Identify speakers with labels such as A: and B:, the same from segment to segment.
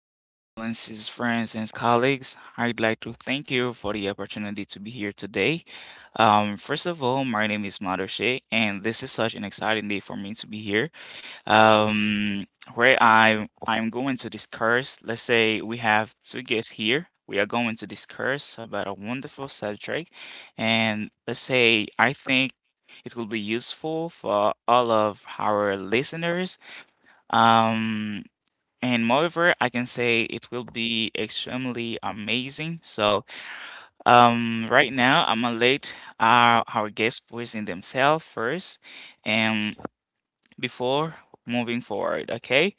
A: Your Excellencies, friends, and colleagues, I'd like to thank you for the opportunity to be here today. First of all, my name is Madoshe, and this is such an exciting day for me to be here. Um, where I I'm going to discuss. Let's say we have two guests here. We are going to discuss about a wonderful subject, and let's say I think it will be useful for all of our listeners. Um, and moreover, I can say it will be extremely amazing. So, right now, I'm gonna let our guests present themselves first and before moving forward, okay?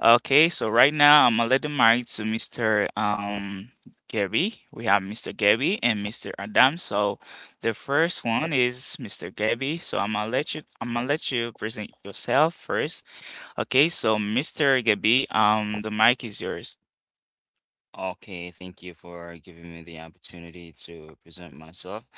A: Okay, so right now, I'm gonna let the mic to Mr. Gabby. We have Mr. Gabby and Mr. Adam. So, the first one is Mr. Gabby. So, I'm gonna let you present yourself first. Okay, so Mr. Gabby, the mic is yours.
B: Okay, thank you for giving me the opportunity to present myself.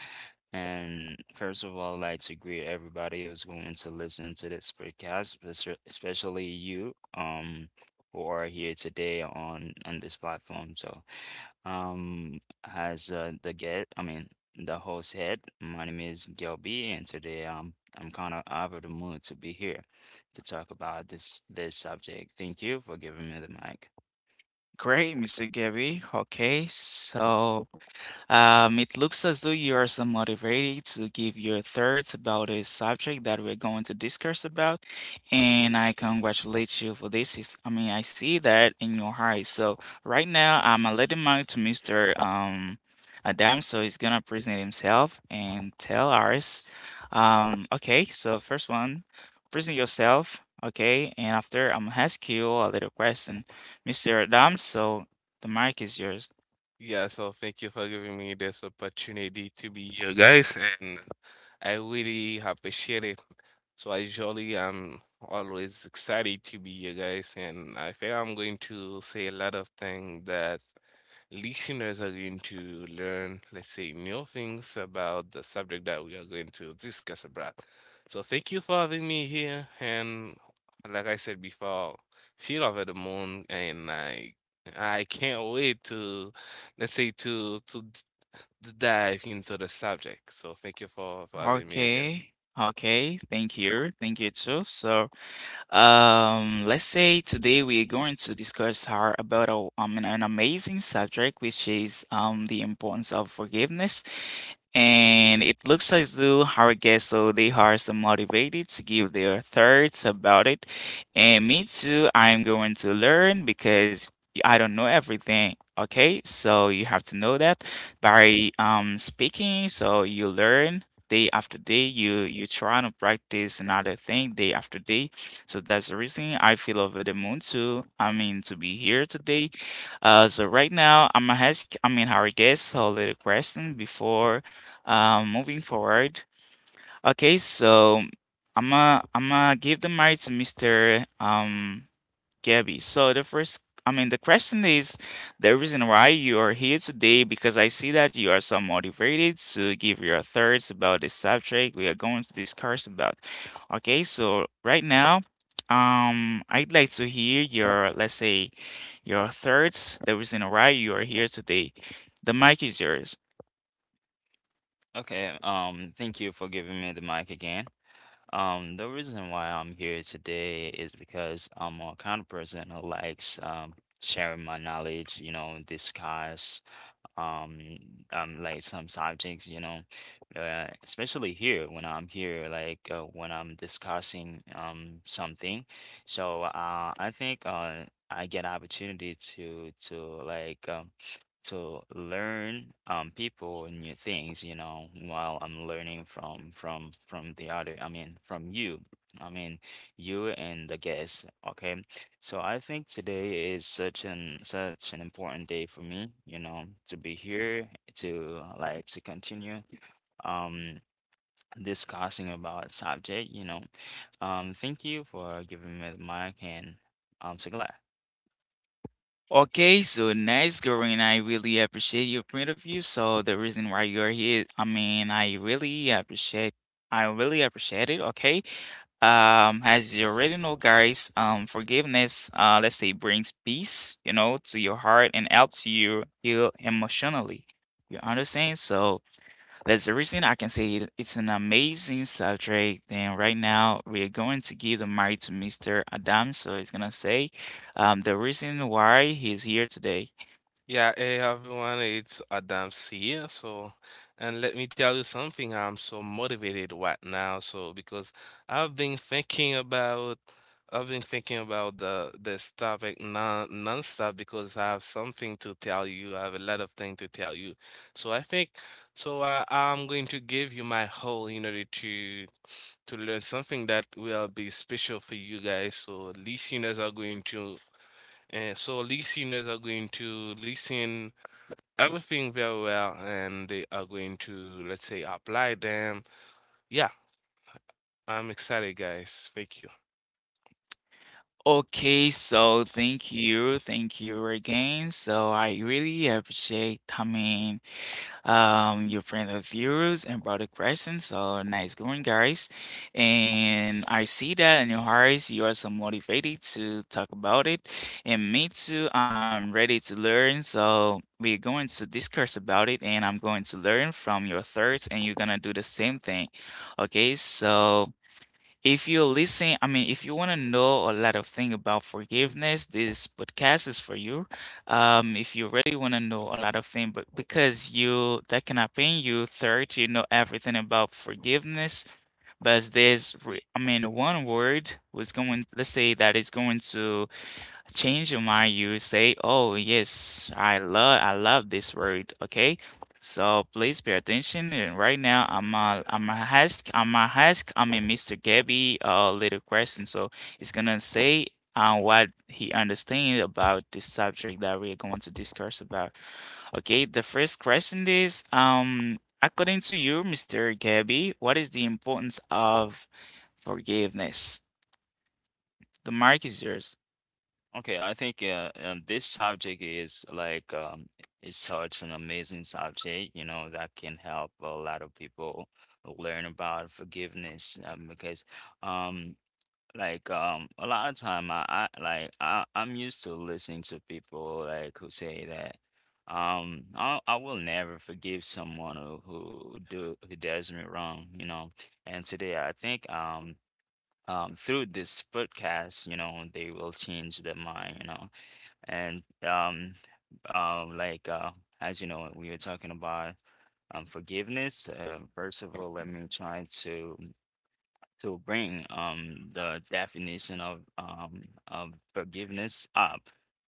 B: And first of all, I'd like to greet everybody who's going to listen to this podcast, especially you, who are here today on this platform. So, um, as I mean, the host head, my name is Gilby, and today I'm kind of out of the mood to be here to talk about this subject. Thank you for giving me the mic.
A: Great, Mr. Gabby. Okay, so it looks as though you are somewhat motivated to give your thoughts about a subject that we're going to discuss about, and I congratulate you for this. I see that in your eyes. So right now, I'm letting mic to Mr. Adam, so he's gonna present himself and tell us. Okay, so first one, present yourself. Okay, and after I'm gonna ask you a little question, Mr. Adam. So the mic is yours.
C: Yeah, so thank you for giving me this opportunity to be here, guys, and I really appreciate it. So I usually am always excited to be here, guys, and I think I'm going to say a lot of things that listeners are going to learn, let's say, new things about the subject that we are going to discuss about. So thank you for having me here. And like I said before, feel over the moon, and I can't wait to, let's say, to dive into the subject. So thank you for having me again.
A: Okay. Okay, thank you. Thank you too. So, let's say today we're going to discuss our about an amazing subject, which is the importance of forgiveness. And it looks as though our guests, so they are so motivated to give their thoughts about it. And me too, I'm going to learn because I don't know everything. Okay, so you have to know that by speaking, so you learn day after day. You try to practice another thing day after day. So that's the reason I feel over the moon too, I mean, to be here today. So right now I'm gonna ask, I mean our guest a little question before moving forward. Okay, so I'm gonna give the mic to Mr. Gabby. So the first, I mean, the question is the reason why you are here today because I see that you are so motivated to give your thoughts about the subject we are going to discuss about. Okay, so right now. I'd like to hear your, let's say, your thoughts, the reason why you are here today. The mic is yours.
B: Okay, thank you for giving me the mic again. The reason why I'm here today is because I'm a kind of person who likes sharing my knowledge, discuss um like some subjects, especially here when I'm here like when I'm discussing something. So I think I get opportunity to like to learn people new things, while I'm learning from the other, I mean, from you. I mean, you and the guests. Okay, so I think today is such an important day for me, you know, to be here to like to continue um discussing about subject, you know. Thank you for giving me the mic, and I'm so glad.
A: Okay, so nice, Corinne. I really appreciate your point of view. So the reason why you're here, I really appreciate it. Okay, as you already know, guys, forgiveness, let's say, brings peace, you know, to your heart and helps you heal emotionally. You understand? So that's the reason I can say it, it's an amazing subject. And right now, we're going to give the mic to Mr. Adam. So he's going to say the reason why he's here today.
C: Yeah, hey everyone, it's Adams here. So, and let me tell you something, I'm so motivated right now. So, because I've been thinking about, I've been thinking about the this topic nonstop because I have something to tell you. I have a lot of things to tell you. So I think, so I'm going to give you my whole in order to learn something that will be special for you guys. So listeners are going to listen everything very well and they are going to, let's say, apply them. Yeah, I'm excited, guys. Thank you.
A: Okay, so thank you. Thank you again. So I really appreciate coming your friend of yours and brother Christian. So nice going, guys. And I see that in your hearts, you are so motivated to talk about it. And me too, I'm ready to learn. So we're going to discuss about it, and I'm going to learn from your thoughts, and you're gonna do the same thing. Okay, so. If you're listening, I mean, If you want to know a lot of things about forgiveness, this podcast is for you. If you really want to know a lot of things, but because you that can happen, you third, you know everything about forgiveness, but there's, re- I mean, one word was going, let's say, that is going to change your mind. You say, "Oh yes, I love this word." Okay, so please pay attention. And right now, I'm a ask I'm a ask I'm a mr gabby a little question. So he's gonna say what he understands about this subject that we are going to discuss about. Okay, the first question is, according to you, mr gabby, what is the importance of forgiveness? The mic is yours.
B: Okay, I think this subject is like it's such an amazing subject, you know, that can help a lot of people learn about forgiveness, because um, like a lot of time I'm used to listening to people like who say that I will never forgive someone who do who does me wrong, you know. And today I think through this podcast, you know, they will change their mind, you know. And uh, like uh, as you know, we were talking about forgiveness. First of all, let me try to bring the definition of forgiveness up.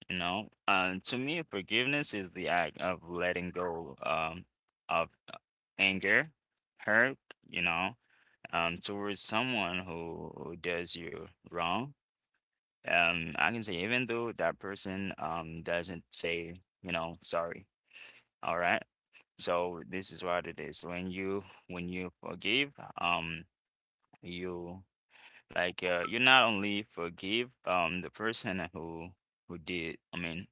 B: You know, to me, forgiveness is the act of letting go of anger, hurt. You know, towards someone who does you wrong, I can say even though that person doesn't say, you know, sorry. All right. So this is what it is. When you forgive, um, you like you not only forgive the person who who did, I mean,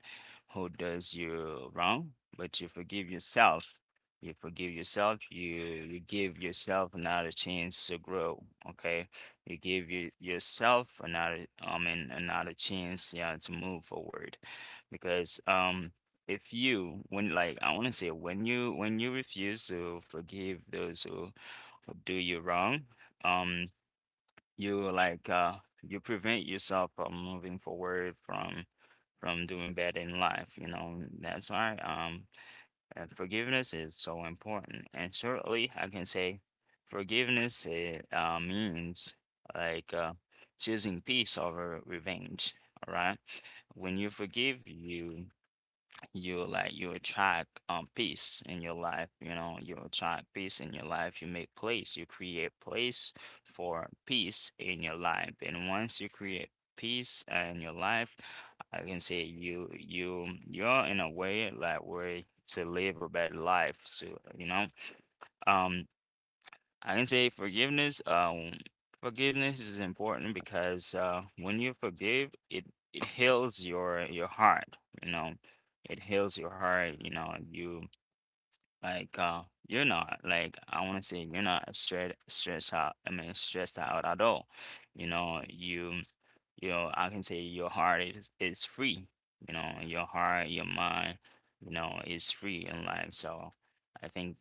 B: who does you wrong, but you forgive yourself. You forgive yourself. You give yourself another chance to grow. Okay, you give you, yourself another, I mean, another chance, yeah, to move forward, because if you when like I want to say when you refuse to forgive those who do you wrong, um you like you prevent yourself from moving forward from doing better in life, you know. That's why forgiveness is so important, and shortly I can say forgiveness means like choosing peace over revenge. All right. When you forgive, you like you attract peace in your life, you know. You attract peace in your life. You make place. You create place for peace in your life, and once you create peace in your life, I can say you're in a way like way to live a better life. So, you know, um I can say forgiveness. Forgiveness is important because when you forgive, it heals your heart. You know, it heals your heart. You know, you like, you're not like I want to say you're not stressed out. I mean, stressed out at all. You know, you know, I can say your heart is free. You know, your heart, your mind, you know, is free in life. So I think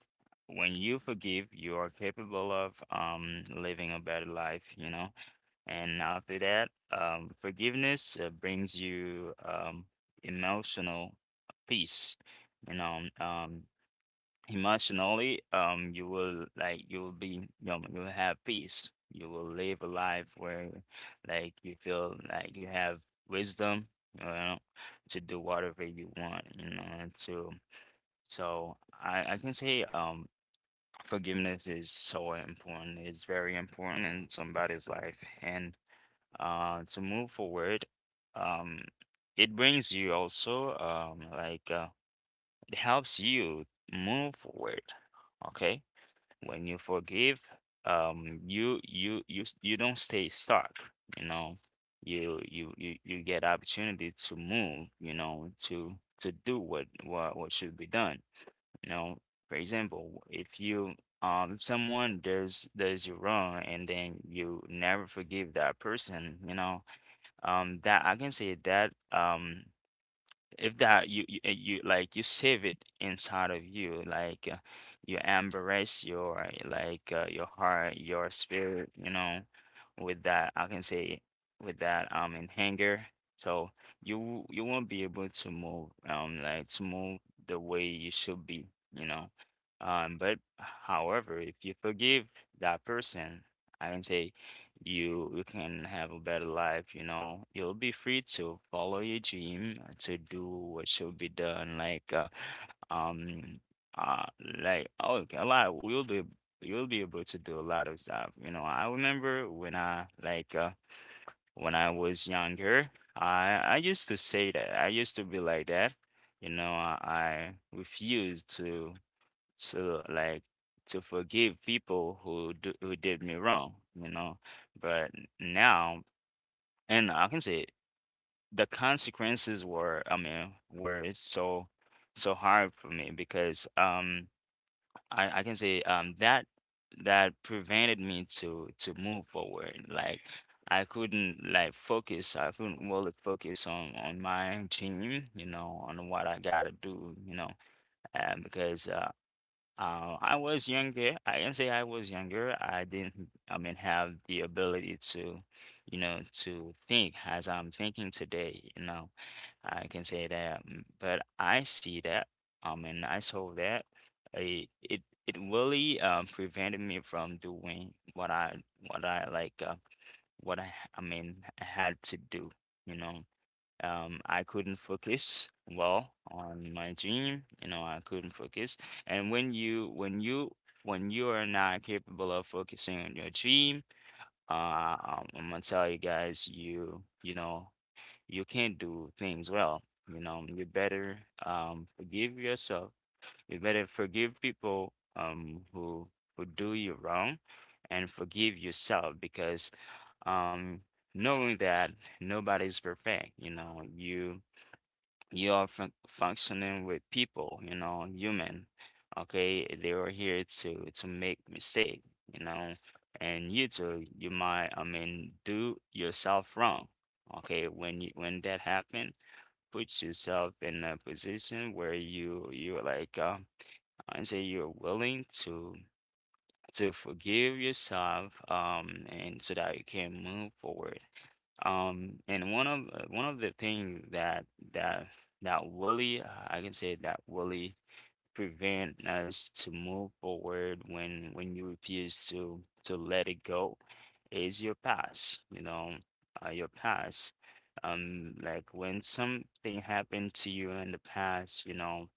B: when you forgive, you are capable of living a better life. You know, and after that, forgiveness brings you emotional peace, you know. Emotionally you will like you will be, you know, you'll have peace. You will live a life where like you feel like you have wisdom, you know, to do whatever you want, you know, and to, so I can say forgiveness is so important, it's very important in somebody's life. And to move forward, um it brings you also it helps you move forward. Okay, when you forgive, you you don't stay stuck, you know. You get opportunity to move, you know, to do what should be done. You know, for example, if you someone does you wrong and then you never forgive that person, you know, that I can say that if that you like you save it inside of you like you embrace your like your heart, your spirit, you know, with that I can say, with that in anger. So you won't be able to move like to move the way you should be, you know. But however, if you forgive that person, I can say you can have a better life, you know. You'll be free to follow your dream, to do what should be done, like um uh a lot, you'll be able to do a lot of stuff. You know, I remember when I like when I was younger, I used to say that. I used to be like that. You know, I refused to to like forgive people who did me wrong, you know. But now, and I can say the consequences were, I mean, were so hard for me because I can say that prevented me to move forward. Like I couldn't like focus. I couldn't really focus on my dream, you know, on what I gotta do, you know, because I was younger. I can say I was younger. I didn't, I mean, have the ability to, you know, to think as I'm thinking today. You know, I can say that, but I see that, and I saw that it it, it really prevented me from doing what I what I like uh, what I mean had to do. You know, I couldn't focus well on my dream. You know, I couldn't focus. And when you are not capable of focusing on your dream, I'm gonna tell you guys, you know, you can't do things well. You know, you better forgive yourself. You better forgive people who do you wrong, and forgive yourself because um knowing that nobody's perfect. You know, you are functioning with people, you know, human. Okay, they are here to make mistake, you know, and you too, you might, I mean, do yourself wrong. Okay, when you when that happen, put yourself in a position where you're like, I say you're willing to forgive yourself and so that you can move forward. And one of the things that that really I can say that really prevent us to move forward, when you refuse to let it go, is your past, you know. Your past, like when something happened to you in the past, you know,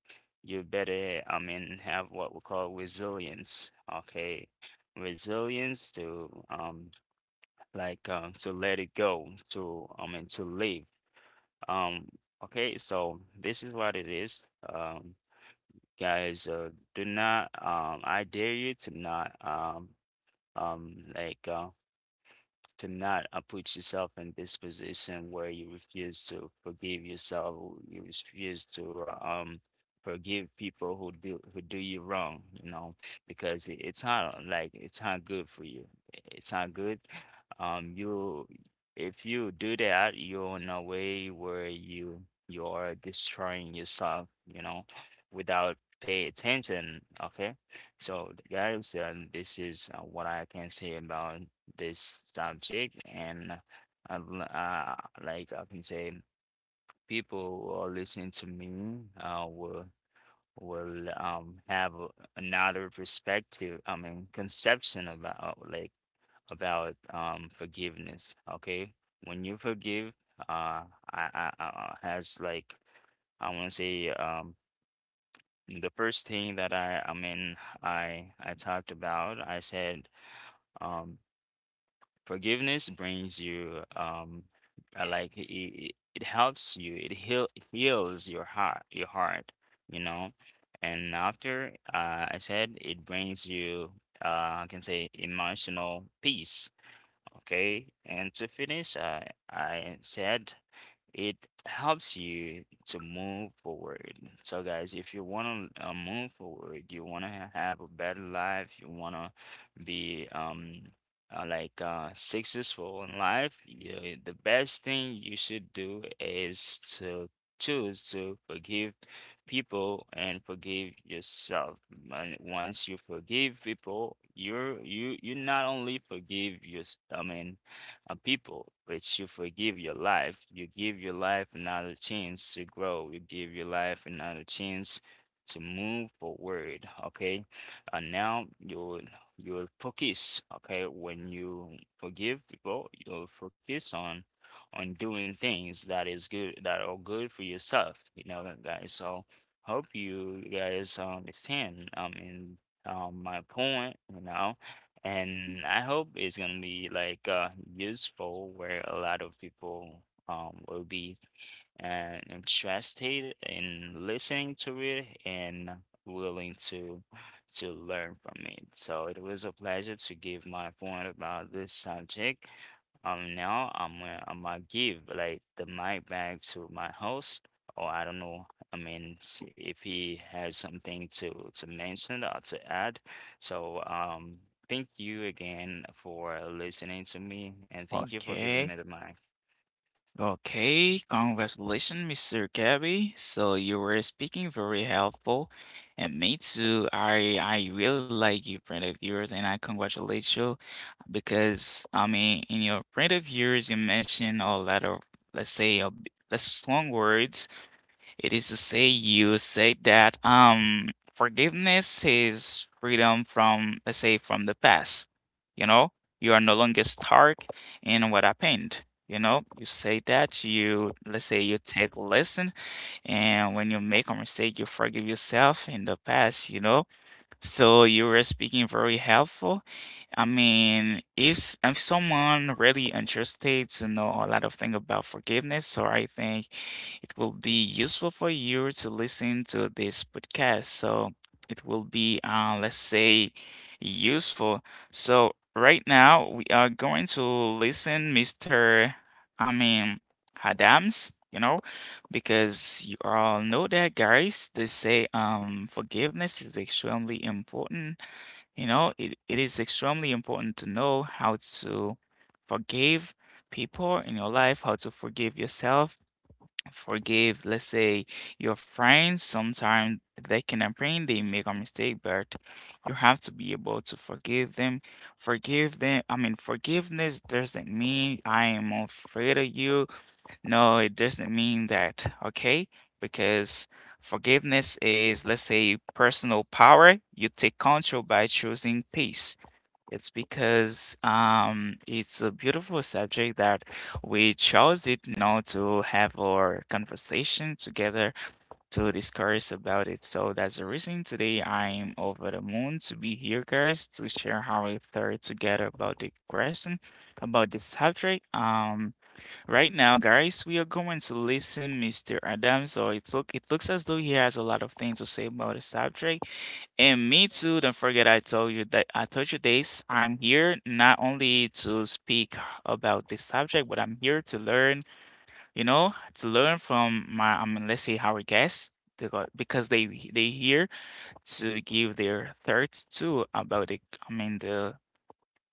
B: you better, I mean, have what we call resilience. Okay, resilience to to let it go, to, I mean, to live, um okay. So this is what it is. um Guys, do not I dare you to not um like uh to not, put yourself in this position where you refuse to forgive yourself, you refuse to forgive people who do you wrong, you know, because it's not like it's not good for you. It's not good. You, if you do that, you're in a way where you are destroying yourself, you know, without pay attention. Okay, so guys, this is what I can say about this subject. And uh, l- uh, like I can say people who are listening to me will have another perspective, I mean, conception about like about forgiveness. Okay, when you forgive, uh I has like I want to say the first thing that I talked about, I said, um forgiveness brings you, like it, it helps you. It heal it heals your heart, you know. And after, I said it brings you, uh, I can say emotional peace. Okay. And to finish, I said it helps you to move forward. So, guys, if you want to move forward, you want to have a better life, you want to be like successful in life, the best thing you should do is to choose to forgive people and forgive yourself. And once you forgive people, you not only forgive your, I mean people, which you forgive your life. You give your life another chance to grow. You give your life another chance to move forward. Okay, and now you'll focus. Okay, when you forgive people, you'll focus on doing things that is good that are good for yourself. You know, guys. So hope you guys understand. In My point. You know, and I hope it's gonna be like useful where a lot of people will be interested in listening to it and willing to learn from it. So it was a pleasure to give my point about this subject. Now I'm gonna give like the mic back to my host, or I don't know. If he has something to mention or to add. So, thank you again for listening to me, and thank you for giving
A: okay
B: me the mic.
A: Okay, congratulations, Mr. Gabby. So you were speaking very helpful, and me too. I really like your print of yours, and I congratulate you because, in your print of yours, you mentioned a lot of, let's say a, b- less strong words. It is to say, you say that forgiveness is freedom from, let's say, from the past. You know, you are no longer stuck in what happened. You know, you say that you, let's say, you take lesson, and when you make a mistake, you forgive yourself in the past, you know. So you were speaking very helpful. If someone really interested to know a lot of things about forgiveness, so I think it will be useful for you to listen to this podcast. So it will be, let's say, useful. So right now we are going to listen, Mr. I mean, Adams, you know, because you all know that, guys. They say forgiveness is extremely important. You know, it is extremely important to know how to forgive people in your life, how to forgive yourself, forgive, let's say, your friends. Sometimes they can apprehend they make a mistake, but you have to be able to forgive them. Forgive them. I mean, forgiveness doesn't mean I am afraid of you. No, it doesn't mean that, okay? Because forgiveness is, let's say, personal power. You take control by choosing peace. It's a beautiful subject that we chose it now to have our conversation together to discuss about it. So that's the reason today I'm over the moon to be here, guys, to share how we thought together about the question, about the subject. Right now, guys, we are going to listen Mr. Adam. So it looks as though he has a lot of things to say about the subject. And me too, don't forget I told you that, I told you this. I'm here not only to speak about this subject, but I'm here to learn, you know, to learn from let's say, our guests. They got Because they here to give their thoughts too about the I mean the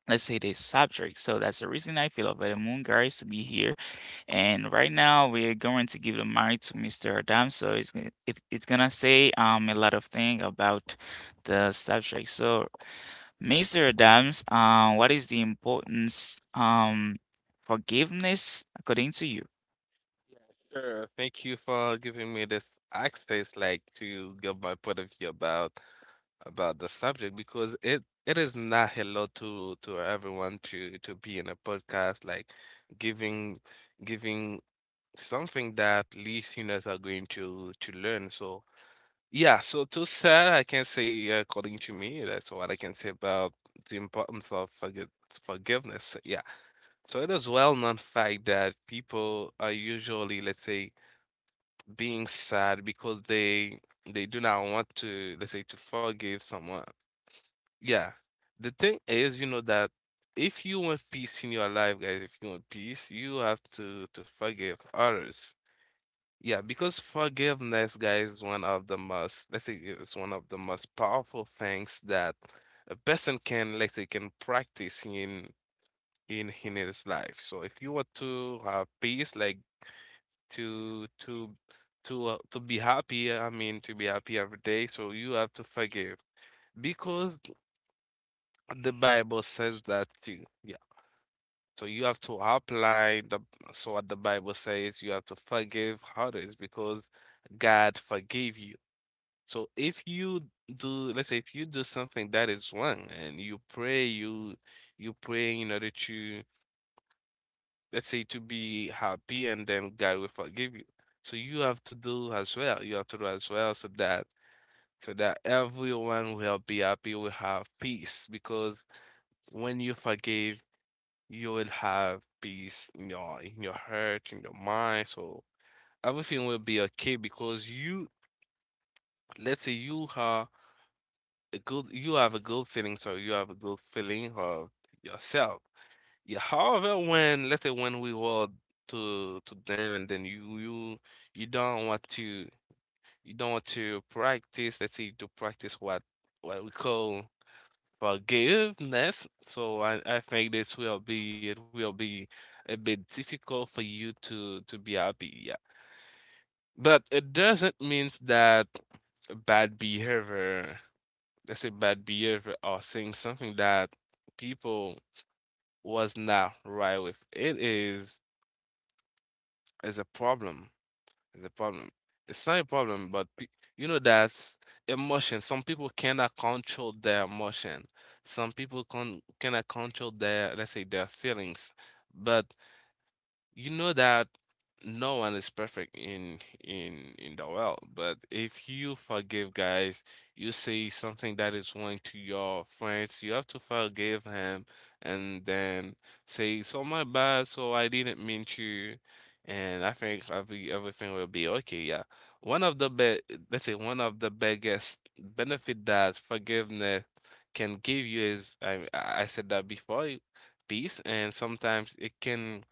A: let's say, this subject. So that's the reason I feel about the moon, guys, to be here. And right now we're going to give the mic to Mr. Adam. So it's gonna say a lot of thing about the subject. So Mr. Adams, what is the importance forgiveness according to you?
C: Sure. Thank you for giving me this access, like to give my point of view about the subject because it is not hello to everyone to be in a podcast like giving giving something that listeners are going to learn. So yeah, so to sad, I can say according to me, that's what I can say about the importance of forgiveness. Yeah. So it is well known fact that people are usually, let's say, being sad because they do not want to, let's say, to forgive someone. Yeah. The thing is, you know, that if you want peace in your life, guys, if you want peace, you have to forgive others. Yeah, because forgiveness, guys, is one of the most, let's say it's one of the most powerful things that a person can, let's say, can practice in in his life. So if you want to have peace, like to to to be happy, I mean, to be happy every day, so you have to forgive because the Bible says that too. Yeah. So you have to apply the so what the Bible says, you have to forgive others because God forgave you. So if you do, let's say if you do something that is wrong and you pray, you pray in order to, let's say to be happy and then God will forgive you. So you have to do as well. You have to do as well so that so that everyone will be happy, will have peace. Because when you forgive, you will have peace in your heart, in your mind. So everything will be okay because you, let's say you are a good you have a good feeling, so you have a good feeling of yourself. Yeah, however, when let's say when we were to them and then you don't want to you don't want to practice, let's say to practice what we call forgiveness. So I think this will be it will be a bit difficult for you to be happy, yeah. But it doesn't mean that bad behavior let's say bad behavior or saying something that people was not right with it is a problem is a problem. It's not a problem, but you know that's emotion, some people cannot control their emotion, some people cannot control their, let's say, their feelings. But you know that no one is perfect in in the world. But if you forgive, guys, you say something that is wrong to your friends, you have to forgive him, and then say so my bad, so I didn't mean to, and I think everything will be okay. Yeah, one of the be let's say one of the biggest benefit that forgiveness can give you is I said that before, peace. And sometimes it can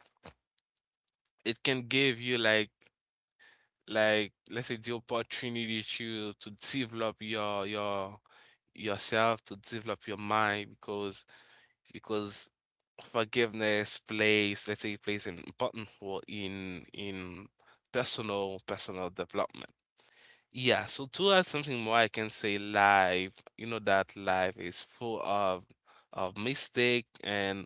C: it can give you like, let's say, the opportunity to develop your yourself, to develop your mind, because forgiveness plays, let's say, plays an important role in personal personal development. Yeah, so to add something more, I can say life, you know that life is full of mistake,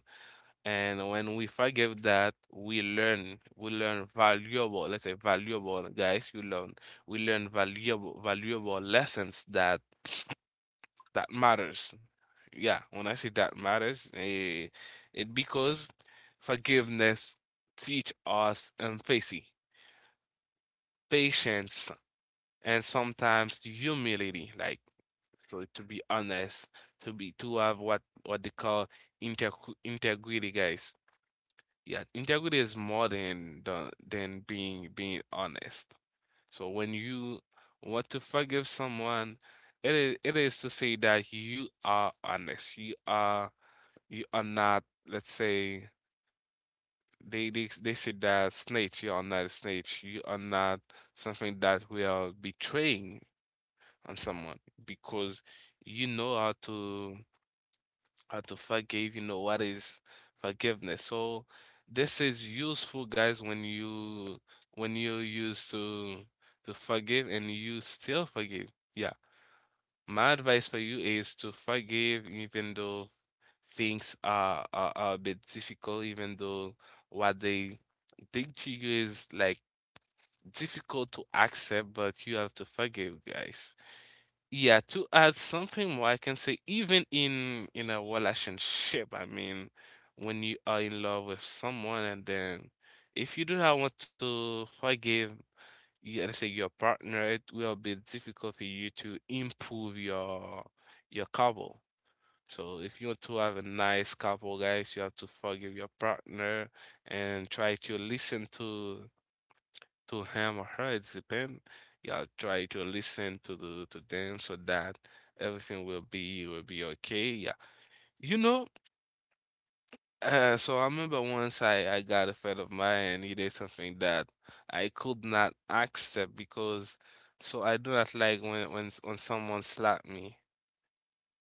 C: and when we forgive that, we learn valuable, let's say valuable, guys, you learn, we learn valuable, valuable lessons that that matters. Yeah, when I say that matters, it because forgiveness teach us empathy, patience, and sometimes humility. Like, so to be honest, to be to have what they call inter integrity, guys. Yeah, integrity is more than the, than being being honest. So when you want to forgive someone, it is to say that you are honest. You are not, let's say they say that snitch, you are not a snitch. You are not something that we are betraying on someone because you know how to how to forgive, you know, what is forgiveness. So this is useful, guys, when you used to forgive and you still forgive. Yeah. My advice for you is to forgive even though things are a bit difficult, even though what they think to you is like difficult to accept, but you have to forgive, guys. Yeah, to add something more, I can say even in a relationship, I mean, when you are in love with someone and then if you do not want to forgive, you, let's say your partner, it will be difficult for you to improve your couple. So if you want to have a nice couple, guys, you have to forgive your partner and try to listen to him or her. It depends. Yeah, try to listen to the to them so that everything will be okay. Yeah, you know. So I remember once I got a friend of mine and he did something that I could not accept because so I do not like when when someone slap me.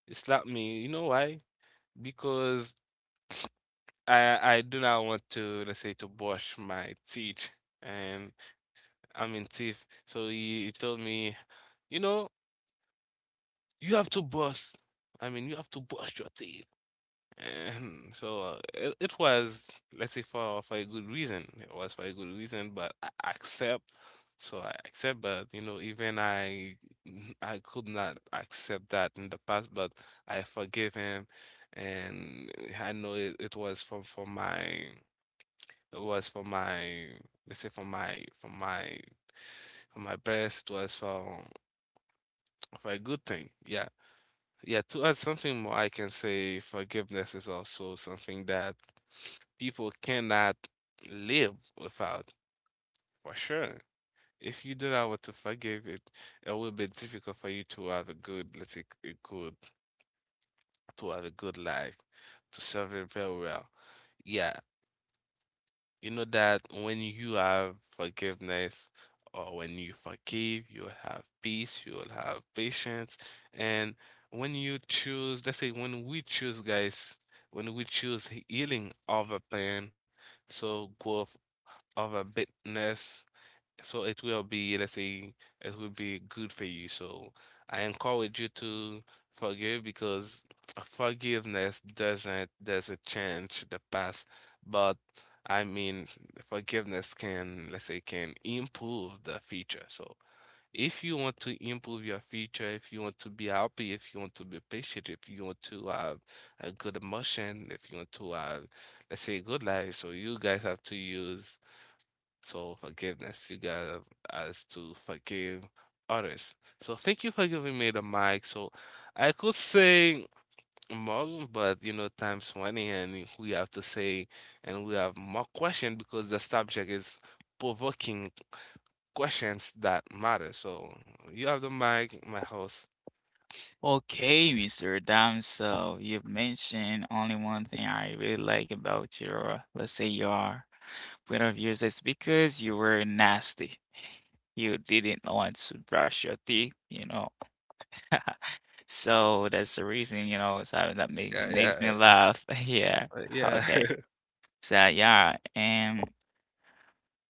C: They slap me. You know why? Because I do not want to, let's say, to brush my teeth and I mean teeth. So he told me, you know, you have to brush. I mean, you have to brush your teeth. And so it was, let's say, for a good reason. It was for a good reason, but I accept. So I accept, but you know, even I could not accept that in the past, but I forgive him, and I know it was for my, let's say, for my best. It was for a good thing. Yeah. Yeah, to add something more, I can say forgiveness is also something that people cannot live without, for sure. If you do not want to forgive it, it will be difficult for you to have a good, let's say, a good, to have a good life, to serve it very well. Yeah, you know that when you have forgiveness or when you forgive, you will have peace, you will have patience. And when you choose, let's say when we choose, guys, when we choose healing over pain, so growth over bitterness, so it will be, let's say, it will be good for you. So I encourage you to forgive, because forgiveness doesn't change the past, but I mean, forgiveness can, let's say, can improve the future. So if you want to improve your future, if you want to be happy, if you want to be patient, if you want to have a good emotion, if you want to have, let's say, a good life, so you guys have to use. So forgiveness, you got us to forgive others. So thank you for giving me the mic. So I could say more, but you know, times 20 and we have to say, and we have more questions because the subject is provoking questions that matter. So you have the mic, my host.
A: Okay, Mr. Adam, so you've mentioned only one thing I really like about your, let's say, your point of views is because you were nasty. You didn't want to brush your teeth, you know. So that's the reason, you know, so that
C: Yeah,
A: makes me
C: yeah,
A: laugh. Yeah.
C: yeah.
A: Okay. So yeah, and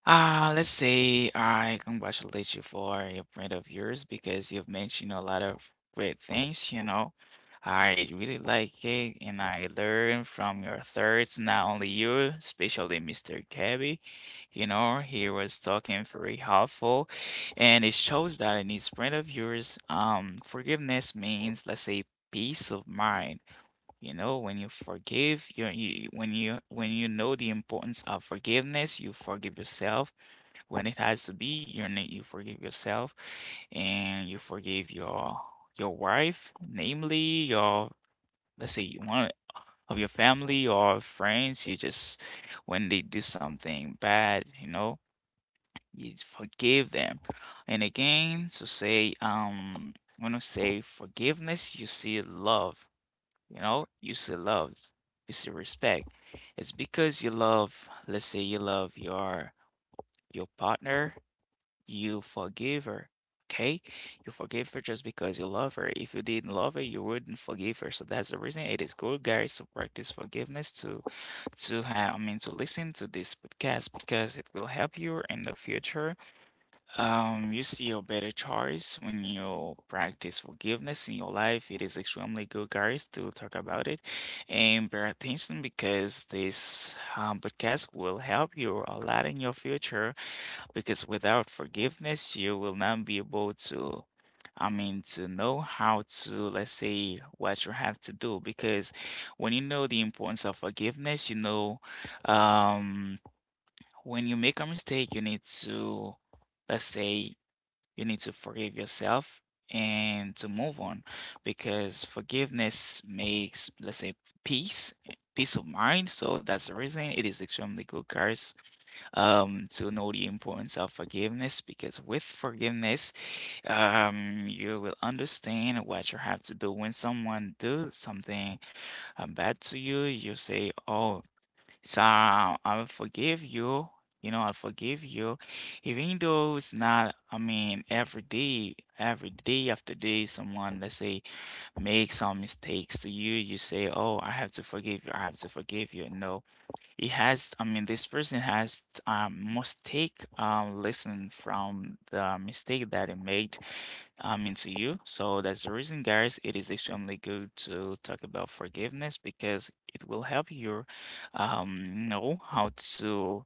A: let's say I congratulate you for your print of yours because you've mentioned a lot of great things, you know. I really like it and I learn from your thoughts, not only you, especially Mr. Gabby. You know, he was talking very helpful, and it shows that in his print of yours, forgiveness means, let's say, peace of mind. You know, when you forgive, you when you when you know the importance of forgiveness, you forgive yourself when it has to be. You forgive yourself and you forgive your wife, namely your, let's say, you want of your family or friends. You just when they do something bad, you know, you forgive them. And again, to say, when I say forgiveness, you see love, you know, you see love, you see respect. It's because you love, let's say, you love your partner, you forgive her. Okay? You forgive her just because you love her. If you didn't love her, you wouldn't forgive her. So that's the reason it is good, guys, to practice forgiveness, to to listen to this podcast because it will help you in the future. You see a better choice when you practice forgiveness in your life. It is extremely good, guys, to talk about it and pay attention because this podcast will help you a lot in your future because without forgiveness, you will not be able to, to know how to, let's say, what you have to do. Because when you know the importance of forgiveness, you know, um, when you make a mistake, you need to, let's say, you need to forgive yourself. And to move on because forgiveness makes, let's say, peace, peace of mind. So that's the reason it is extremely good, guys, to know the importance of forgiveness. Because with forgiveness, you will understand what you have to do when someone do something bad to you. You say, "Oh, so I will forgive you." You know, I forgive you, even though it's not. I mean, every day after day, someone, let's say, make some mistakes to you. You say, "Oh, I have to forgive you. I have to forgive you." No, he has, I mean, this person has mistake, lesson from the mistake that he made into you. So that's the reason, guys, it is extremely good to talk about forgiveness because it will help you know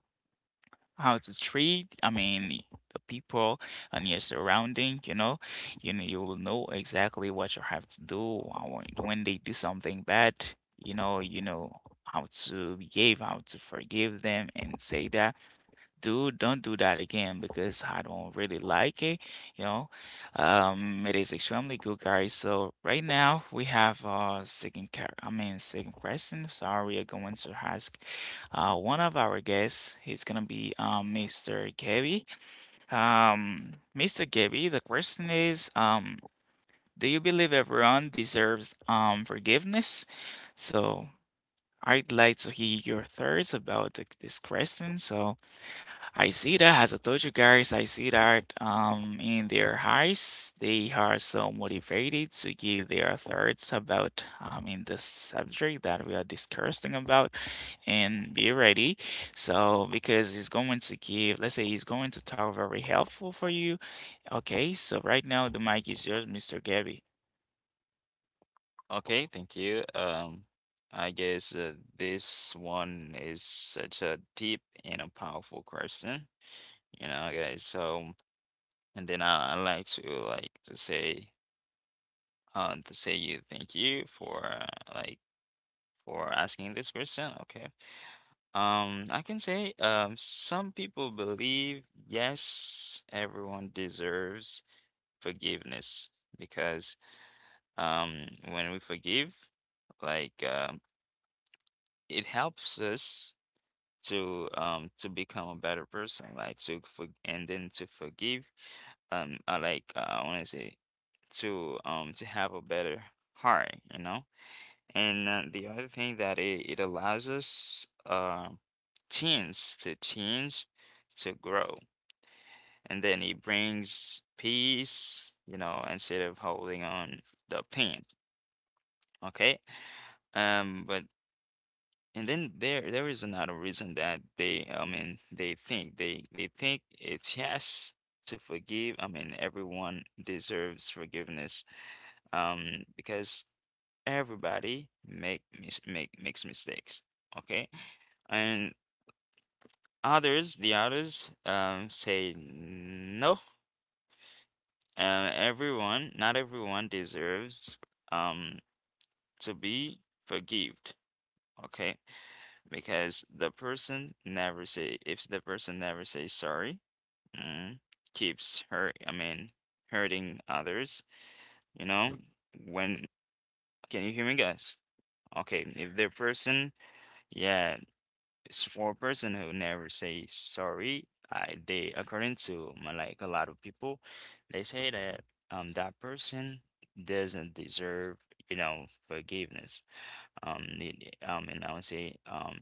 A: how to treat, I mean, the people and your surrounding, you know, you know, you will know exactly what you have to do, when they do something bad, you know. You know how to behave, how to forgive them, and say that, "Dude, don't do that again because I don't really like it, you know." It is extremely good, guys. So right now we have second car, I mean, second question. Sorry, we are going to ask one of our guests. He's gonna be Mr. Gabby. Mr. Gabby, the question is, do you believe everyone deserves forgiveness? So I'd like to hear your thoughts about this question. So I see that, as I told you guys, I see that, in their hearts, they are so motivated to give their thoughts about, in the subject that we are discussing about, and be ready. So, because he's going to give, let's say, he's going to talk very helpful for you. Okay, so right now the mic is yours, Mr. Gabby.
B: Okay, thank you. I guess this one is such a deep and a powerful question, you know, guys. So, and then I like to say you thank you for like for asking this question. Okay. Some people believe yes, everyone deserves forgiveness because um when we forgive like um it helps us to become a better person like to for- and then to forgive I like I want to say to have a better heart, you know. And the other thing that it allows us teens to change, to grow, and then it brings peace, you know, instead of holding on the pain. Okay. But and then there is another reason that they I mean they think it's yes to forgive. I mean everyone deserves forgiveness. Because everybody makes mistakes. Okay. And the others, say no. Not everyone deserves um to be forgived. Okay. Because the person never say, if the person never says sorry, mm, keeps hurting others. You know, when, can you hear me, guys? Okay, if the person, yeah, it's for a person who never say sorry. I They, according to my, like a lot of people, they say that that person doesn't deserve, you know, forgiveness. And I would say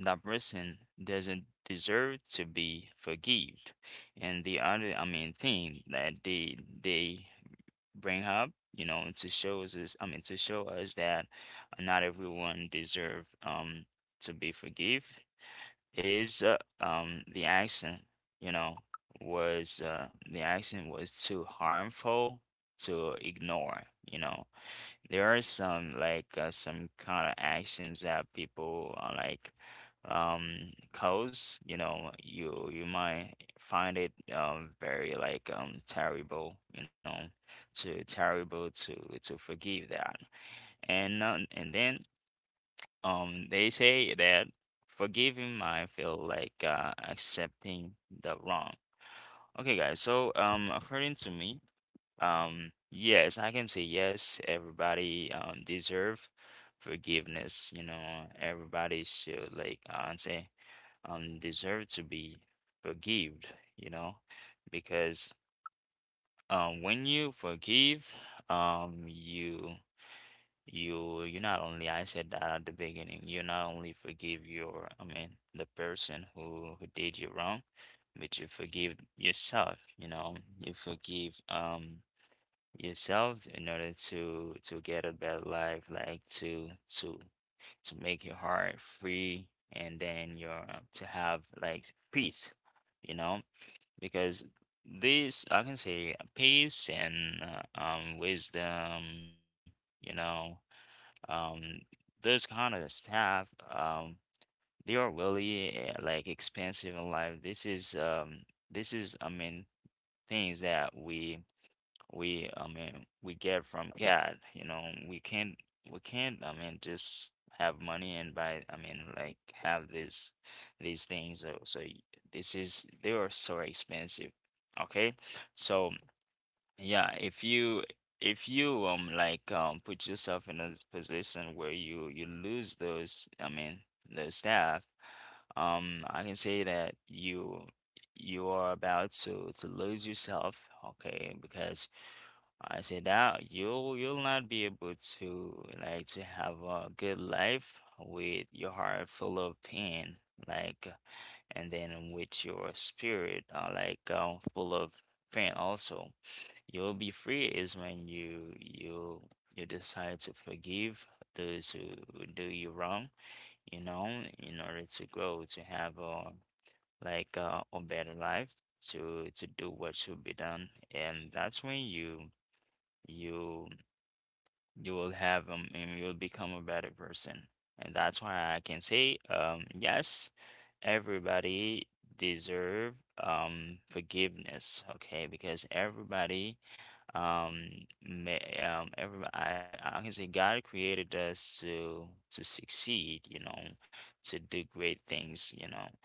B: that person doesn't deserve to be forgived. And the other thing that they bring up, you know, to show us that not everyone deserve to be forgive is the action, you know, was the action was too harmful to ignore, you know. There are some kind of actions that people cause, you know, you might find it very terrible, you know, to terrible to forgive that. And then they say that forgiving might feel like accepting the wrong. Okay, guys, so according to me, yes, I can say yes, everybody deserve forgiveness. You know, everybody should, like I would say, deserve to be forgived, you know, because when you forgive, you you not only, I said that at the beginning, you not only forgive your I mean the person who did you wrong, but you forgive yourself, you know. You forgive yourself in order to get a better life, like to make your heart free, and then your, to have like peace, you know, because this I can say peace and wisdom, you know, um those kind of stuff, they are really like expensive in life. This is this is, I mean, things that we I mean we get from God, you know. we can't we can't, I mean, just have money and buy, I mean like have this these things, so this is, they are so expensive. Okay? So yeah, if you, if you like put yourself in a position where you lose those, I mean, those staff, I can say that you are about to lose yourself. Okay? Because I say that you'll not be able to like to have a good life with your heart full of pain, like, and then with your spirit full of pain also. You'll be free is when you decide to forgive those who do you wrong, you know, in order to grow, to have a better life, to do what should be done, and that's when you you will have and you will become a better person, and that's why I can say yes, everybody deserve forgiveness. Okay, because everybody um, I can say God created us to succeed, you know, to do great things, you know.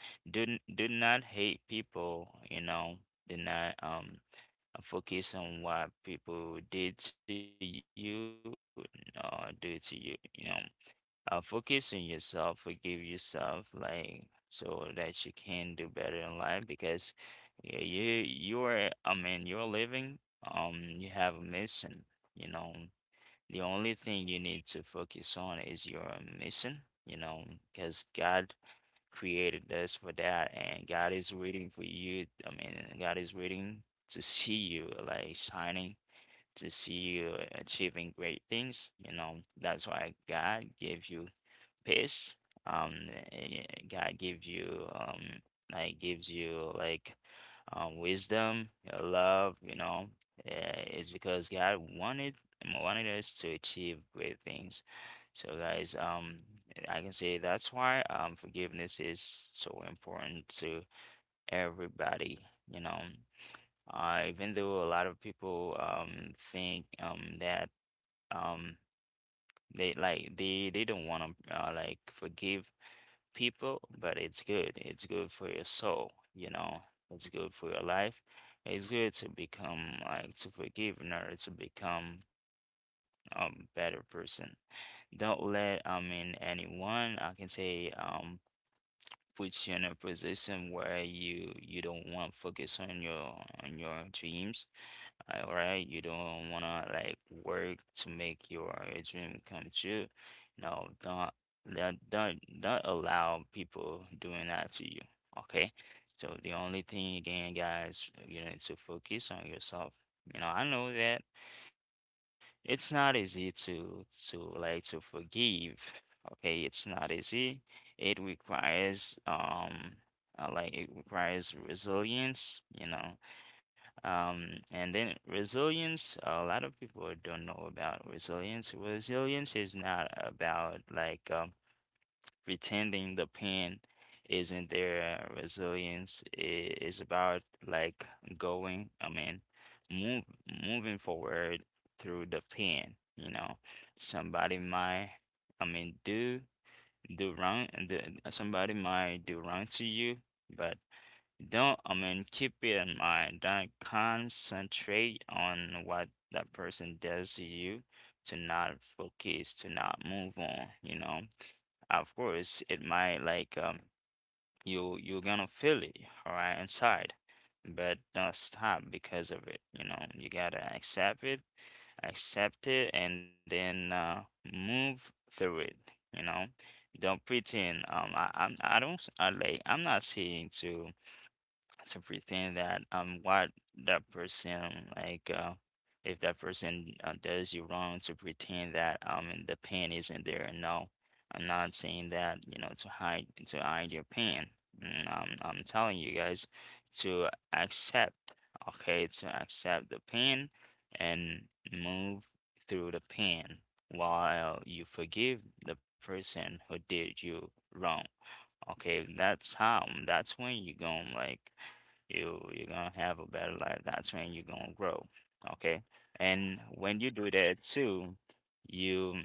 B: Do not hate people, you know. Do not focus on what people did to you, or do to you, you know. Focus on yourself, forgive yourself, like, so that you can do better in life, because yeah, you're living, you have a mission, you know. The only thing you need to focus on is your mission, you know, because God created us for that, and God is waiting for you. I mean, God is waiting to see you like shining, to see you achieving great things. You know, that's why God gave you pace. God gives you gives you like wisdom, your love. You know, it's because God wanted us to achieve great things. So, guys, I can say that's why forgiveness is so important to everybody. You know, even though a lot of people think that um they they don't want to like forgive people, but it's good. It's good for your soul, you know. It's good for your life. It's good to become, like, to forgive in order to become a better person. Don't let, I mean, anyone, I can say, put you in a position where you don't want to focus on your, on your dreams. All right, you don't wanna like work to make your dream come true. No, don't allow people doing that to you. Okay, so the only thing again, guys, you need to focus on yourself. You know, I know that. It's not easy to like to forgive. Okay, it's not easy. It requires it requires resilience, you know. And then resilience, a lot of people don't know about resilience. Resilience is not about like pretending the pen isn't their resilience. It is about like going, I mean, move moving forward through the pen. You know, somebody might, I mean, do do wrong. Do, somebody might do wrong to you, but don't. I mean, keep it in mind. Don't concentrate on what that person does to you to not focus, to not move on, you know. Of course, it might you you're gonna feel it, all right, inside. But don't stop because of it. You know, you gotta accept accept it, and then move through it. You know, don't pretend. I I'm I don't s- I Like I'm not saying to pretend that what that person if that person does you wrong to pretend that the pain isn't there. No, I'm not saying that. You know, to hide, to hide your pain. Mm, am, I'm telling you guys to accept, okay, to accept the pain and move through the pain while you forgive the person who did you wrong. Okay, that's how. Mm, that's when you're gonna like you you're gonna have a better life. That's when you're gonna grow. Okay? And when you do that too, you mm,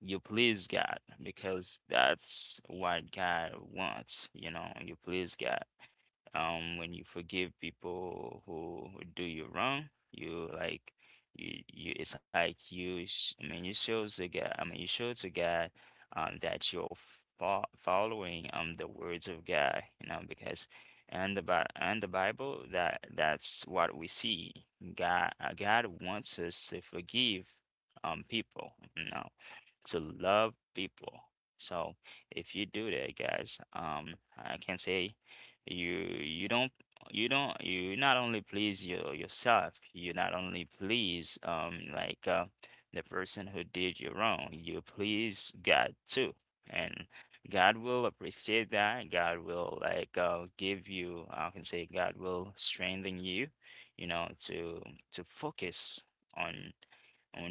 B: you please God because that's what God wants, you please God when you forgive people who do you wrong you like you it's like you show to God. You show to God that you're following the words of God, you know. Because and the bible, that's what we see. God wants us to forgive people, you know, to love people. So if you do that, guys, I can say you you don't you don't you not only please yourself, you not only please the person who did you wrong, you please God too. And God will appreciate that. God will give you, I can say God will strengthen you, you know, to focus on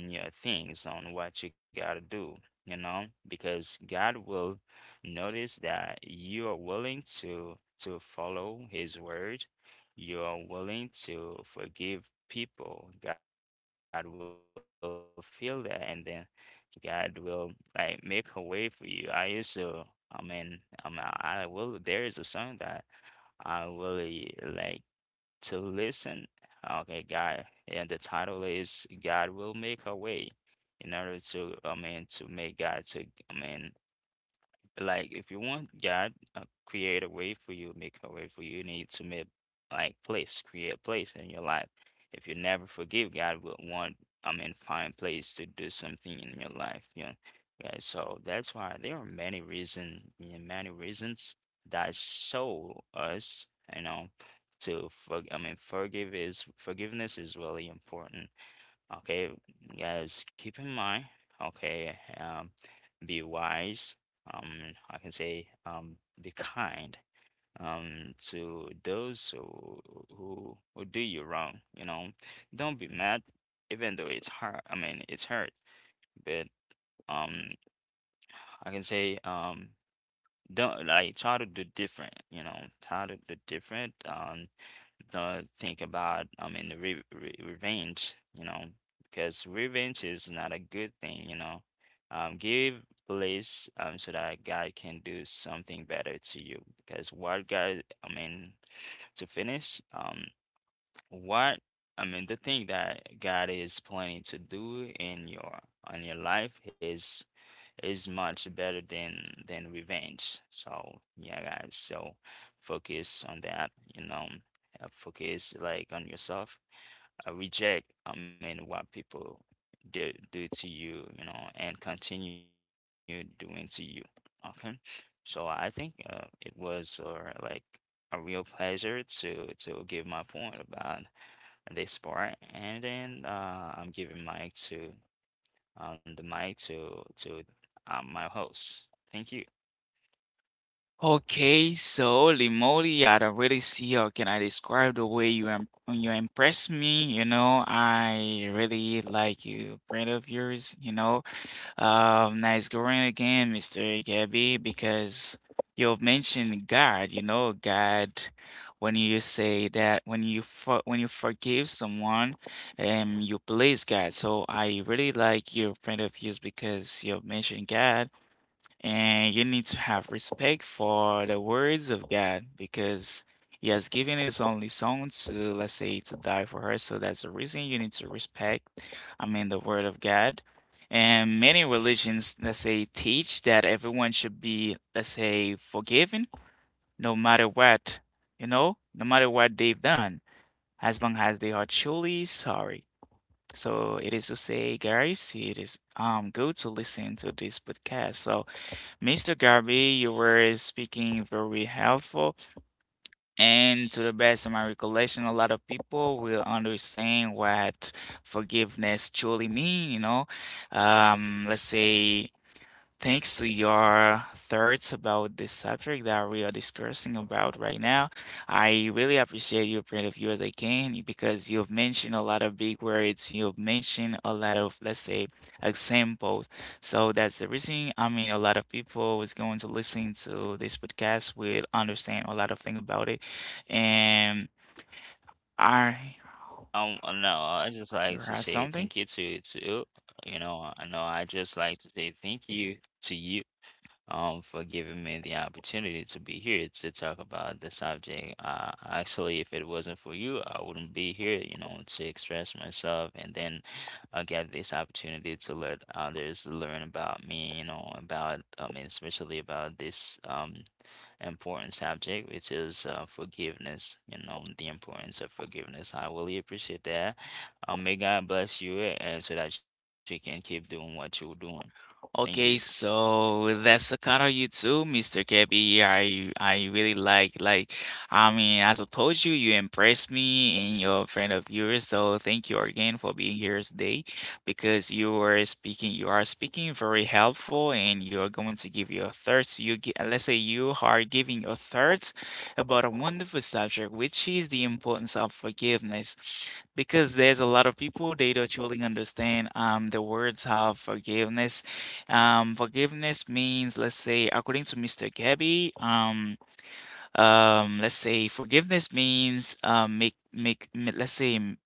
B: on your things, on what you gotta do, you know, because God will notice that you are willing to follow His word, you are willing to forgive people. God will feel that, and then God will make a way for you. I used to, I mean, I mean, I will. There is a song that I really like to listen. Okay, God, and the title is God Will Make A Way. In order to, to make God to, I mean, if you want God create a way for you, make a way for you, you need to make like place, create place in your life. If you never forgive, God will want, find place to do something in your life, you know. Yeah, so that's why there are many reason, yeah, many reasons that show us, you know, to forgive is forgiveness is really important. Okay, guys, keep in mind, okay, be wise. I can say, be kind, to those who do you wrong, you know. Don't be mad, even though it's hard. I mean, it's hurt, but um, I can say, don't try to do different, you know, try to do different. Don't think about, the re re revenge, you know, because revenge is not a good thing, you know. Give place, so that God can do something better to you. Because what God, I mean, to finish. What I mean, the thing that God is planning to do in your on your life is much better than revenge. So yeah, guys. So focus on that. You know, focus on yourself. What people do to you, you know, and continue doing to you. Okay. So I think it was or like a real pleasure to give my point about this part, and then I'm giving mic to the mic to my host. Thank you.
A: Okay, so holy, I don't really see how can I describe the way you you impress me, you know. I really like you brand of yours, you know. Nice going again, Mr. Gabby, because you've mentioned God, you know, God, when you say that when you for, when you forgive someone, you please God. So I really like your brand of yours because you've mentioned God and you need to have respect for the words of God because He has given His only Son to, let's say, to die for us. So that's the reason you need to respect, I mean, the word of God. And many religions, let's say, teach that everyone should be, let's say, forgiven, no matter what, you know, no matter what they've done, as long as they are truly sorry. So it is to say, guys, it is good to listen to this podcast. So Mr. Garby, you were speaking very helpful, and to the best of my recollection, a lot of people will understand what forgiveness truly mean. You know, let's say, thanks to your thoughts about this subject that we are discussing about right now. I really appreciate your point of view as I can because you've mentioned a lot of big words, you've mentioned a lot of, let's say, examples. So that's the reason, I mean, a lot of people is going to listen to this podcast will understand a lot of thing about it. And I,
B: No, I just
A: you
B: like to
A: have
B: say
A: something?
B: thank you to you. Know I just like to say thank you to you, for giving me the opportunity to be here to talk about the subject. Actually, if it wasn't for you, I wouldn't be here, you know, to express myself, and then get this opportunity to let others learn about me, you know, about, I mean, especially about this important subject, which is forgiveness, you know, the importance of forgiveness. I really appreciate that. May God bless you and so that you can keep doing what you're doing. Thank you.
A: Okay, so that's the kind of you too, Mr. Gabby. I really like, I mean, as I told you, you impressed me and your friend of yours. So thank you again for being here today because you were speaking, you are speaking very helpful, and you are going to give your thoughts. You gi- let's say, you are giving your thoughts about a wonderful subject, which is the importance of forgiveness because there's a lot of people they don't truly understand the words of forgiveness. Forgiveness means, let's say, according to Mr. Gabby, let's say forgiveness means, make make m-, let's say, m-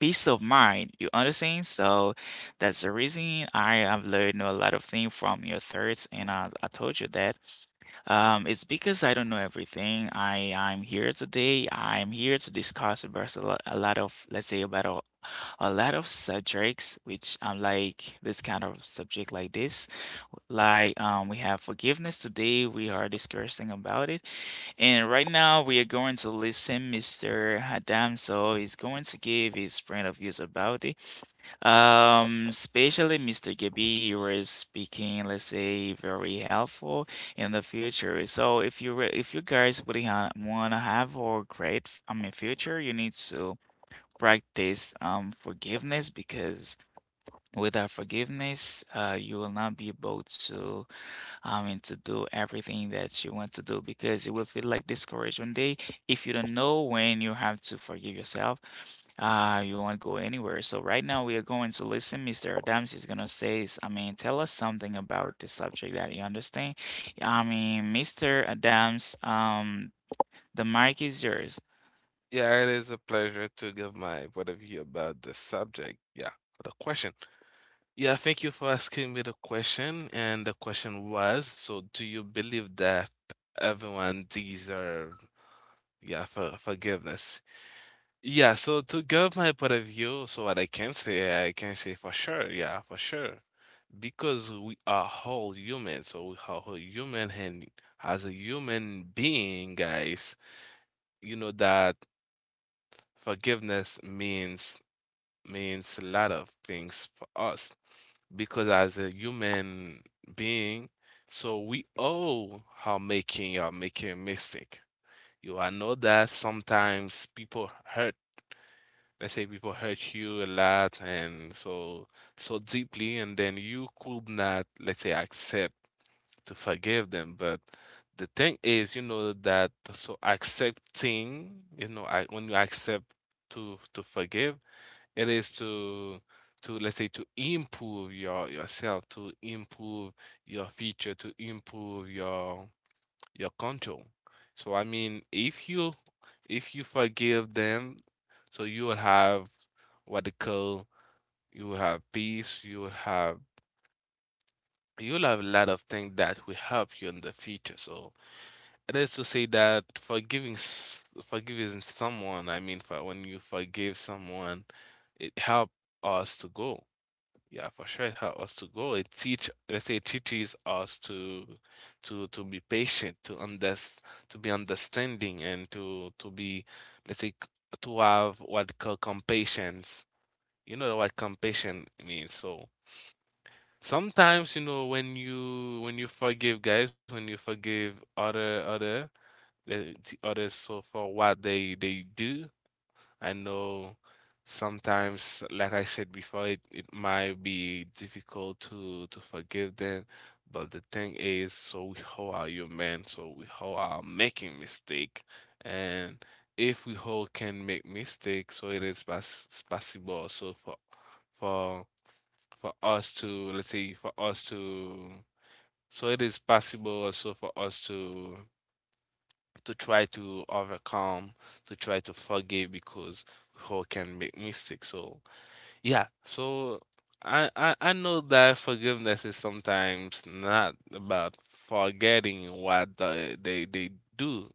A: peace of mind. You understand? So that's the reason I have learned a lot of things from your thirds, and I told you that. It's because I don't know everything. I, I'm here today. I'm here to discuss about a lot of, let's say, about a lot of subjects, which I'm like this kind of subject like this. Like, we have forgiveness today. We are discussing about it. And right now, we are going to listen Mr. Adam. Is going to give his point of views about it. Especially Mr. Gabi, you were speaking, let's say, very helpful in the future. So if you re, if you guys really ha want to have a great, I mean, future, you need to practice forgiveness, because without forgiveness, you will not be able to, I mean, to do everything that you want to do because it will feel like discouraged one day if you don't know when you have to forgive yourself. You won't go anywhere. So right now we are going to listen. Mr. Adams is gonna say, s- I mean, tell us something about the subject that you understand. I mean, Mr. Adams, the mic is yours.
C: Yeah, it is a pleasure to give my what of you about the subject. Yeah, the question. Yeah, thank you for asking me the question. And the question was, so do you believe that everyone deserve, yeah, for forgiveness? Yeah, so to give my point of view, so what I can say for sure, yeah, for sure. Because we are whole human, so we are whole human, and as a human being, guys, you know that forgiveness means means a lot of things for us because as a human being, so we all are making a mistake. You I know that sometimes people hurt. Let's say people hurt you a lot and so deeply, and then you could not, let's say, accept to forgive them. But the thing is, you know that so accepting, you know, I, when you accept to forgive, it is to let's say to improve yourself, to improve your feature, to improve your control. So I mean, if you forgive them, so you will have what they call, you will have peace, you will have, you'll have a lot of things that will help you in the future. So it is to say that forgiving someone, I mean, for when you forgive someone, it helps us to go. Yeah, for sure it helps us to grow. It teach, let's say, it teaches us to to be patient, to be understanding, and to be, let's say, c- to have what called compassion. You know what compassion means. So sometimes, you know, when you forgive guys, when you forgive other, the others, so for what they do, I know sometimes, like I said before, it might be difficult to forgive them, but the thing is, so we all are human, so we all are making mistake, and if we all can make mistakes, so it is pass possible also for for us to let's say for us to, so it is possible also for us to try to overcome, to try to forgive because we all can make mistakes. So yeah, so I know that forgiveness is sometimes not about forgetting what they do,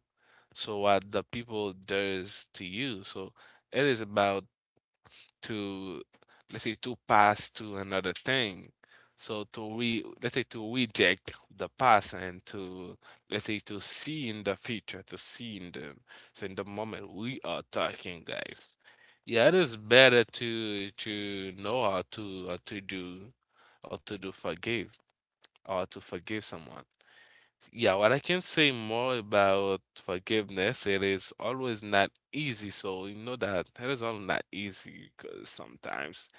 C: so what the people does to you. So it is about to let's say to pass to another thing. So to re let's say to reject the past and to let's say to see in the future, to see in the, so in the moment we are talking, guys. Yeah, it is better to know how to do forgive or to forgive someone. Yeah, what I can say more about forgiveness, it is always not easy. So you know that it is all not easy because sometimes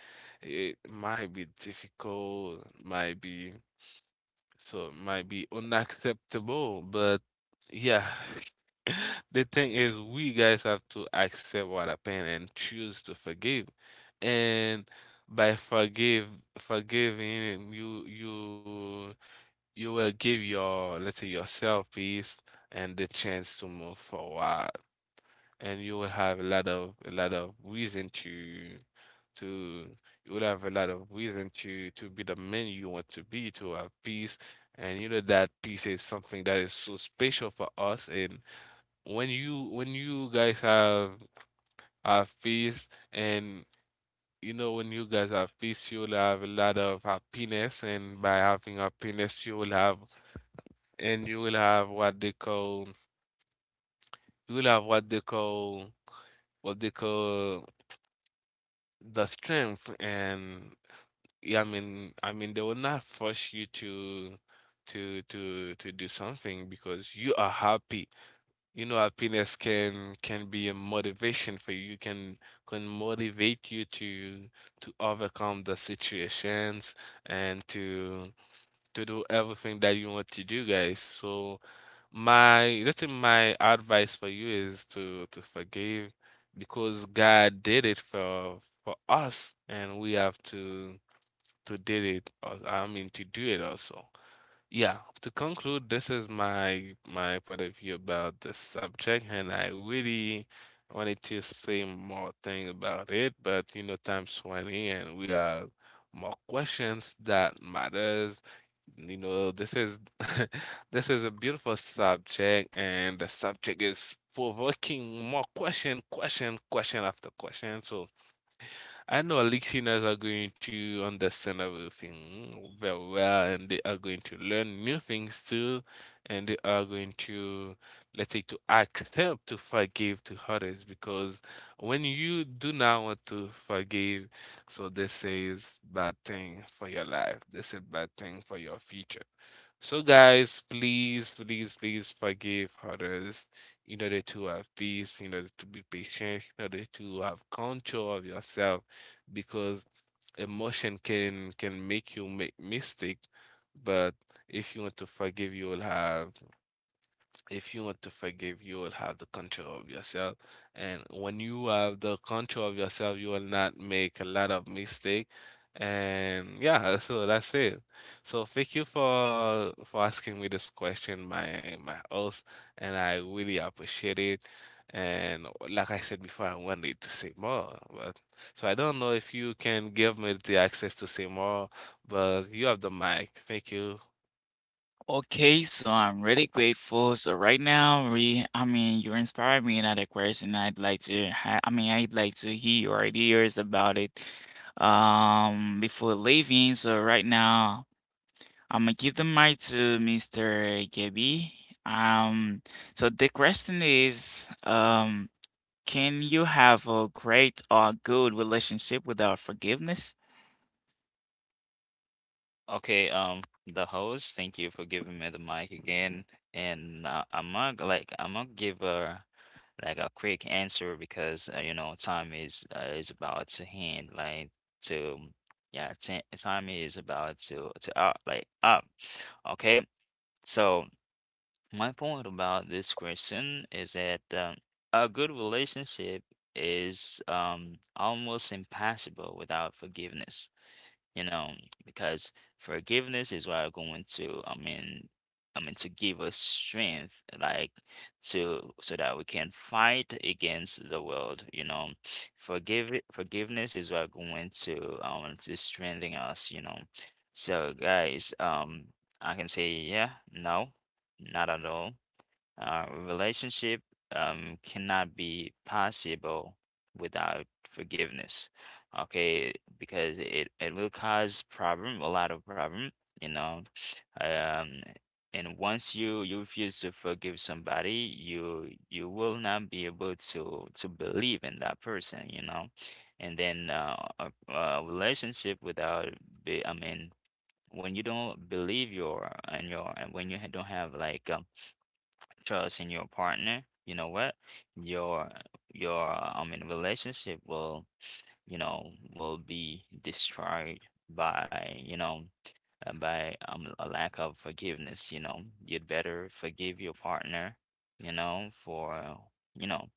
C: it might be difficult, might be, so it might be unacceptable. But yeah, the thing is, we guys have to accept what happened and choose to forgive. And by forgive forgiving, you will give your, let's say, yourself peace and the chance to move forward, and you will have a lot of reason to, you will have a lot of reason to be the man you want to be, to have peace, and you know that peace is something that is so special for us. And when you guys have peace, and, you know, when you guys have peace, you will have a lot of happiness, and by having happiness, you will have, and you will have what they call, you will have what they call the strength. And yeah, I mean they will not force you to to do something because you are happy. You know, happiness can be a motivation for you, can motivate you to overcome the situations, and to do everything that you want to do, guys. So My that's in my advice for you is to forgive because God did it for us, and we have to did it. I mean, to do it also. Yeah, to conclude, this is my my point of view about the subject, and I really wanted to say more thing about it, but you know, time's 20 and we have more questions that matters. You know, this is this is a beautiful subject, and the subject is provoking more question, question, question after question. So I know our listeners are going to understand everything very well, and they are going to learn new things too, and they are going to, let's say, to accept, to forgive to others, because when you do not want to forgive, so this is bad thing for your life. This is bad thing for your future. So guys, please, please, please forgive others in order to have peace, in order to be patient, in order to have control of yourself, because emotion can make you make mistake, but if you want to forgive, you will have, if you want to forgive, you will have the control of yourself. And when you have the control of yourself, you will not make a lot of mistake. And yeah, so that's it. So thank you for asking me this question, my host, and I really appreciate it. And like I said before, I wanted to say more, but so I don't know if you can give me the access to say more, but you have the mic. Thank you.
A: Okay, so I'm really grateful. So right now, we, I mean, you inspired me another question. I'd like to, ha I mean, I'd like to hear your ideas about it, before leaving. So right now, I'm gonna give the mic to Mr. Gabby. Um, so the question is, can you have a great or good relationship without forgiveness?
B: Okay, the host, thank you for giving me the mic again. And I'm not g- like I'm gonna give a quick answer because you know, time is about to hand like to yeah t time is about to up like up. Okay, so my point about this question is that a good relationship is almost impossible without forgiveness, you know, because forgiveness is what I'm going to, to give us strength, like to so that we can fight against the world. You know, forgiveness is what going to strengthen us. You know, so guys, I can say yeah, no, not at all. Relationship cannot be possible without forgiveness. Okay, because it will cause problem, a lot of problem, you know. Um, and once you refuse to forgive somebody, you will not be able to believe in that person, you know. And then a relationship without, be, I mean, when you don't believe your and when you don't have like trust in your partner, you know what? Your your in relationship will, you know, will be destroyed by, you know, by a lack of forgiveness, you know. You'd better forgive your partner, you know, for you know.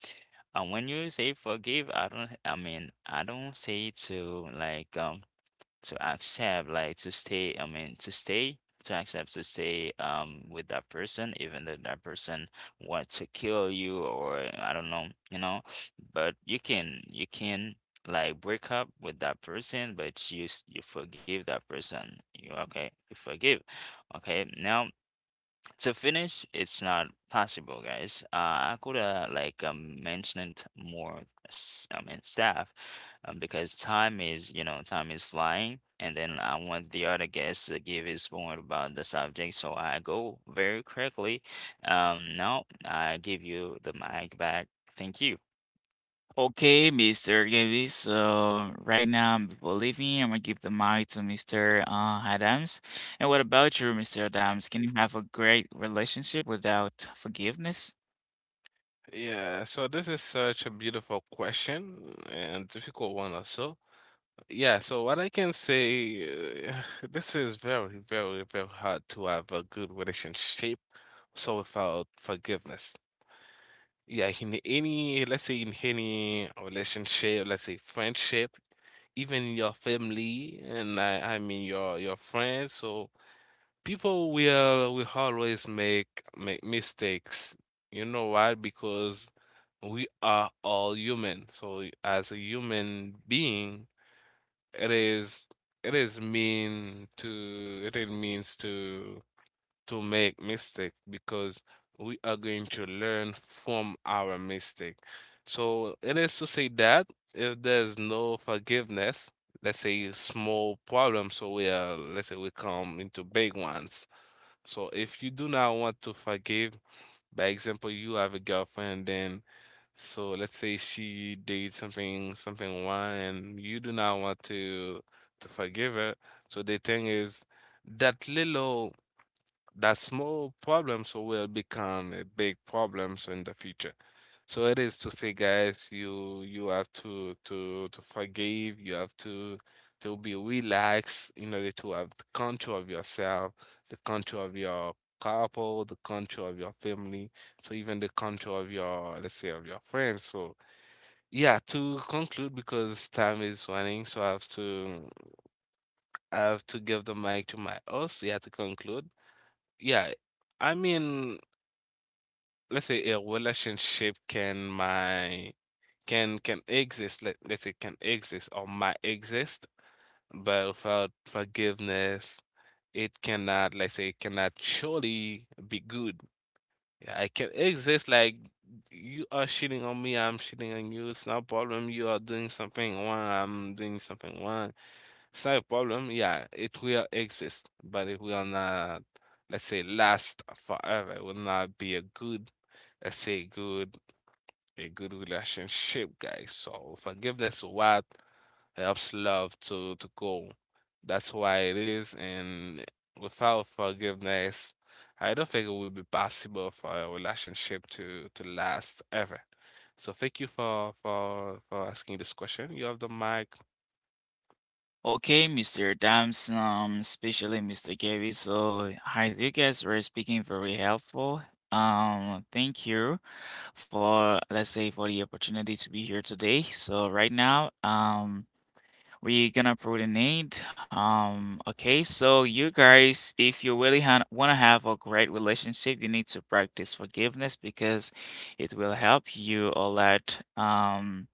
B: And when you say forgive, I don't say to to accept to stay, to stay with that person, even though that person wants to kill you or I don't know, you know. But you can like break up with that person, but you forgive that person. You forgive, okay. Now, to finish, it's not possible, guys. I could have mentioned more staff, because time is, you know, time is flying, and then I want the other guest to give his point about the subject, so I go very quickly. Now I give you the mic back. Thank you.
A: Okay, Mr. Gaby. So right now I'm before leaving, I'm gonna give the mic to Mr. Adams. And what about you, Mr. Adams? Can you have a great relationship without forgiveness?
C: Yeah, so this is such a beautiful question, and difficult one also. Yeah, so what I can say, uh, this is very, very, very hard to have a good relationship. So without forgiveness, yeah, in any, let's say in any relationship, let's say friendship, even your family, and I mean your friends. So people will always make mistakes. You know why? Because we are all human. So as a human being, it is, it is mean to, it is means to make mistake because we are going to learn from our mistake. So it is to say that if there's no forgiveness, let's say small problems, so we are, let's say, we come into big ones. So if you do not want to forgive, by example, you have a girlfriend, then so let's say she did something wrong and you do not want to forgive her. So the thing is that little that small problems will become a big problems in the future. So it is to say, guys, you have to to forgive. You have to be relaxed in order to have the control of yourself, the control of your couple, the control of your family, so even the control of your, let's say, of your friends. So yeah, to conclude, because time is running, so I have to give the mic to my host. Yeah, to conclude. Yeah, I mean, let's say a relationship can my can exist, let's say can exist or might exist, but without forgiveness it cannot, let's say, cannot surely be good. Yeah, I can exist like, you are cheating on me, I'm cheating on you, it's not a problem, you are doing something wrong, I'm doing something wrong, it's not a problem. Yeah, it will exist, but it will not, let's say, last forever. It will not be a good let's say good a good relationship, guys. So forgiveness what helps love to go. That's why it is, and without forgiveness, I don't think it would be possible for a relationship to last ever. So thank you for for asking this question. You have the mic.
A: Okay, Mr. Adams, especially Mr. Gaby. So hi, you guys were speaking very helpful. Thank you for, let's say, for the opportunity to be here today. So right now, um, we're gonna coordinate. Okay, so you guys, if you really ha wanna have a great relationship, you need to practice forgiveness because it will help you a lot,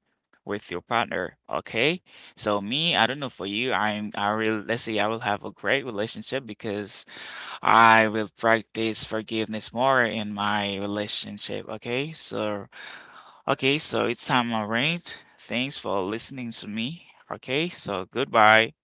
A: with your partner. Okay, so me, I don't know for you, I'm, I really, let's say, I will have a great relationship because I will practice forgiveness more in my relationship. Okay, so okay, so it's time, all right. Thanks for listening to me. Okay, so goodbye.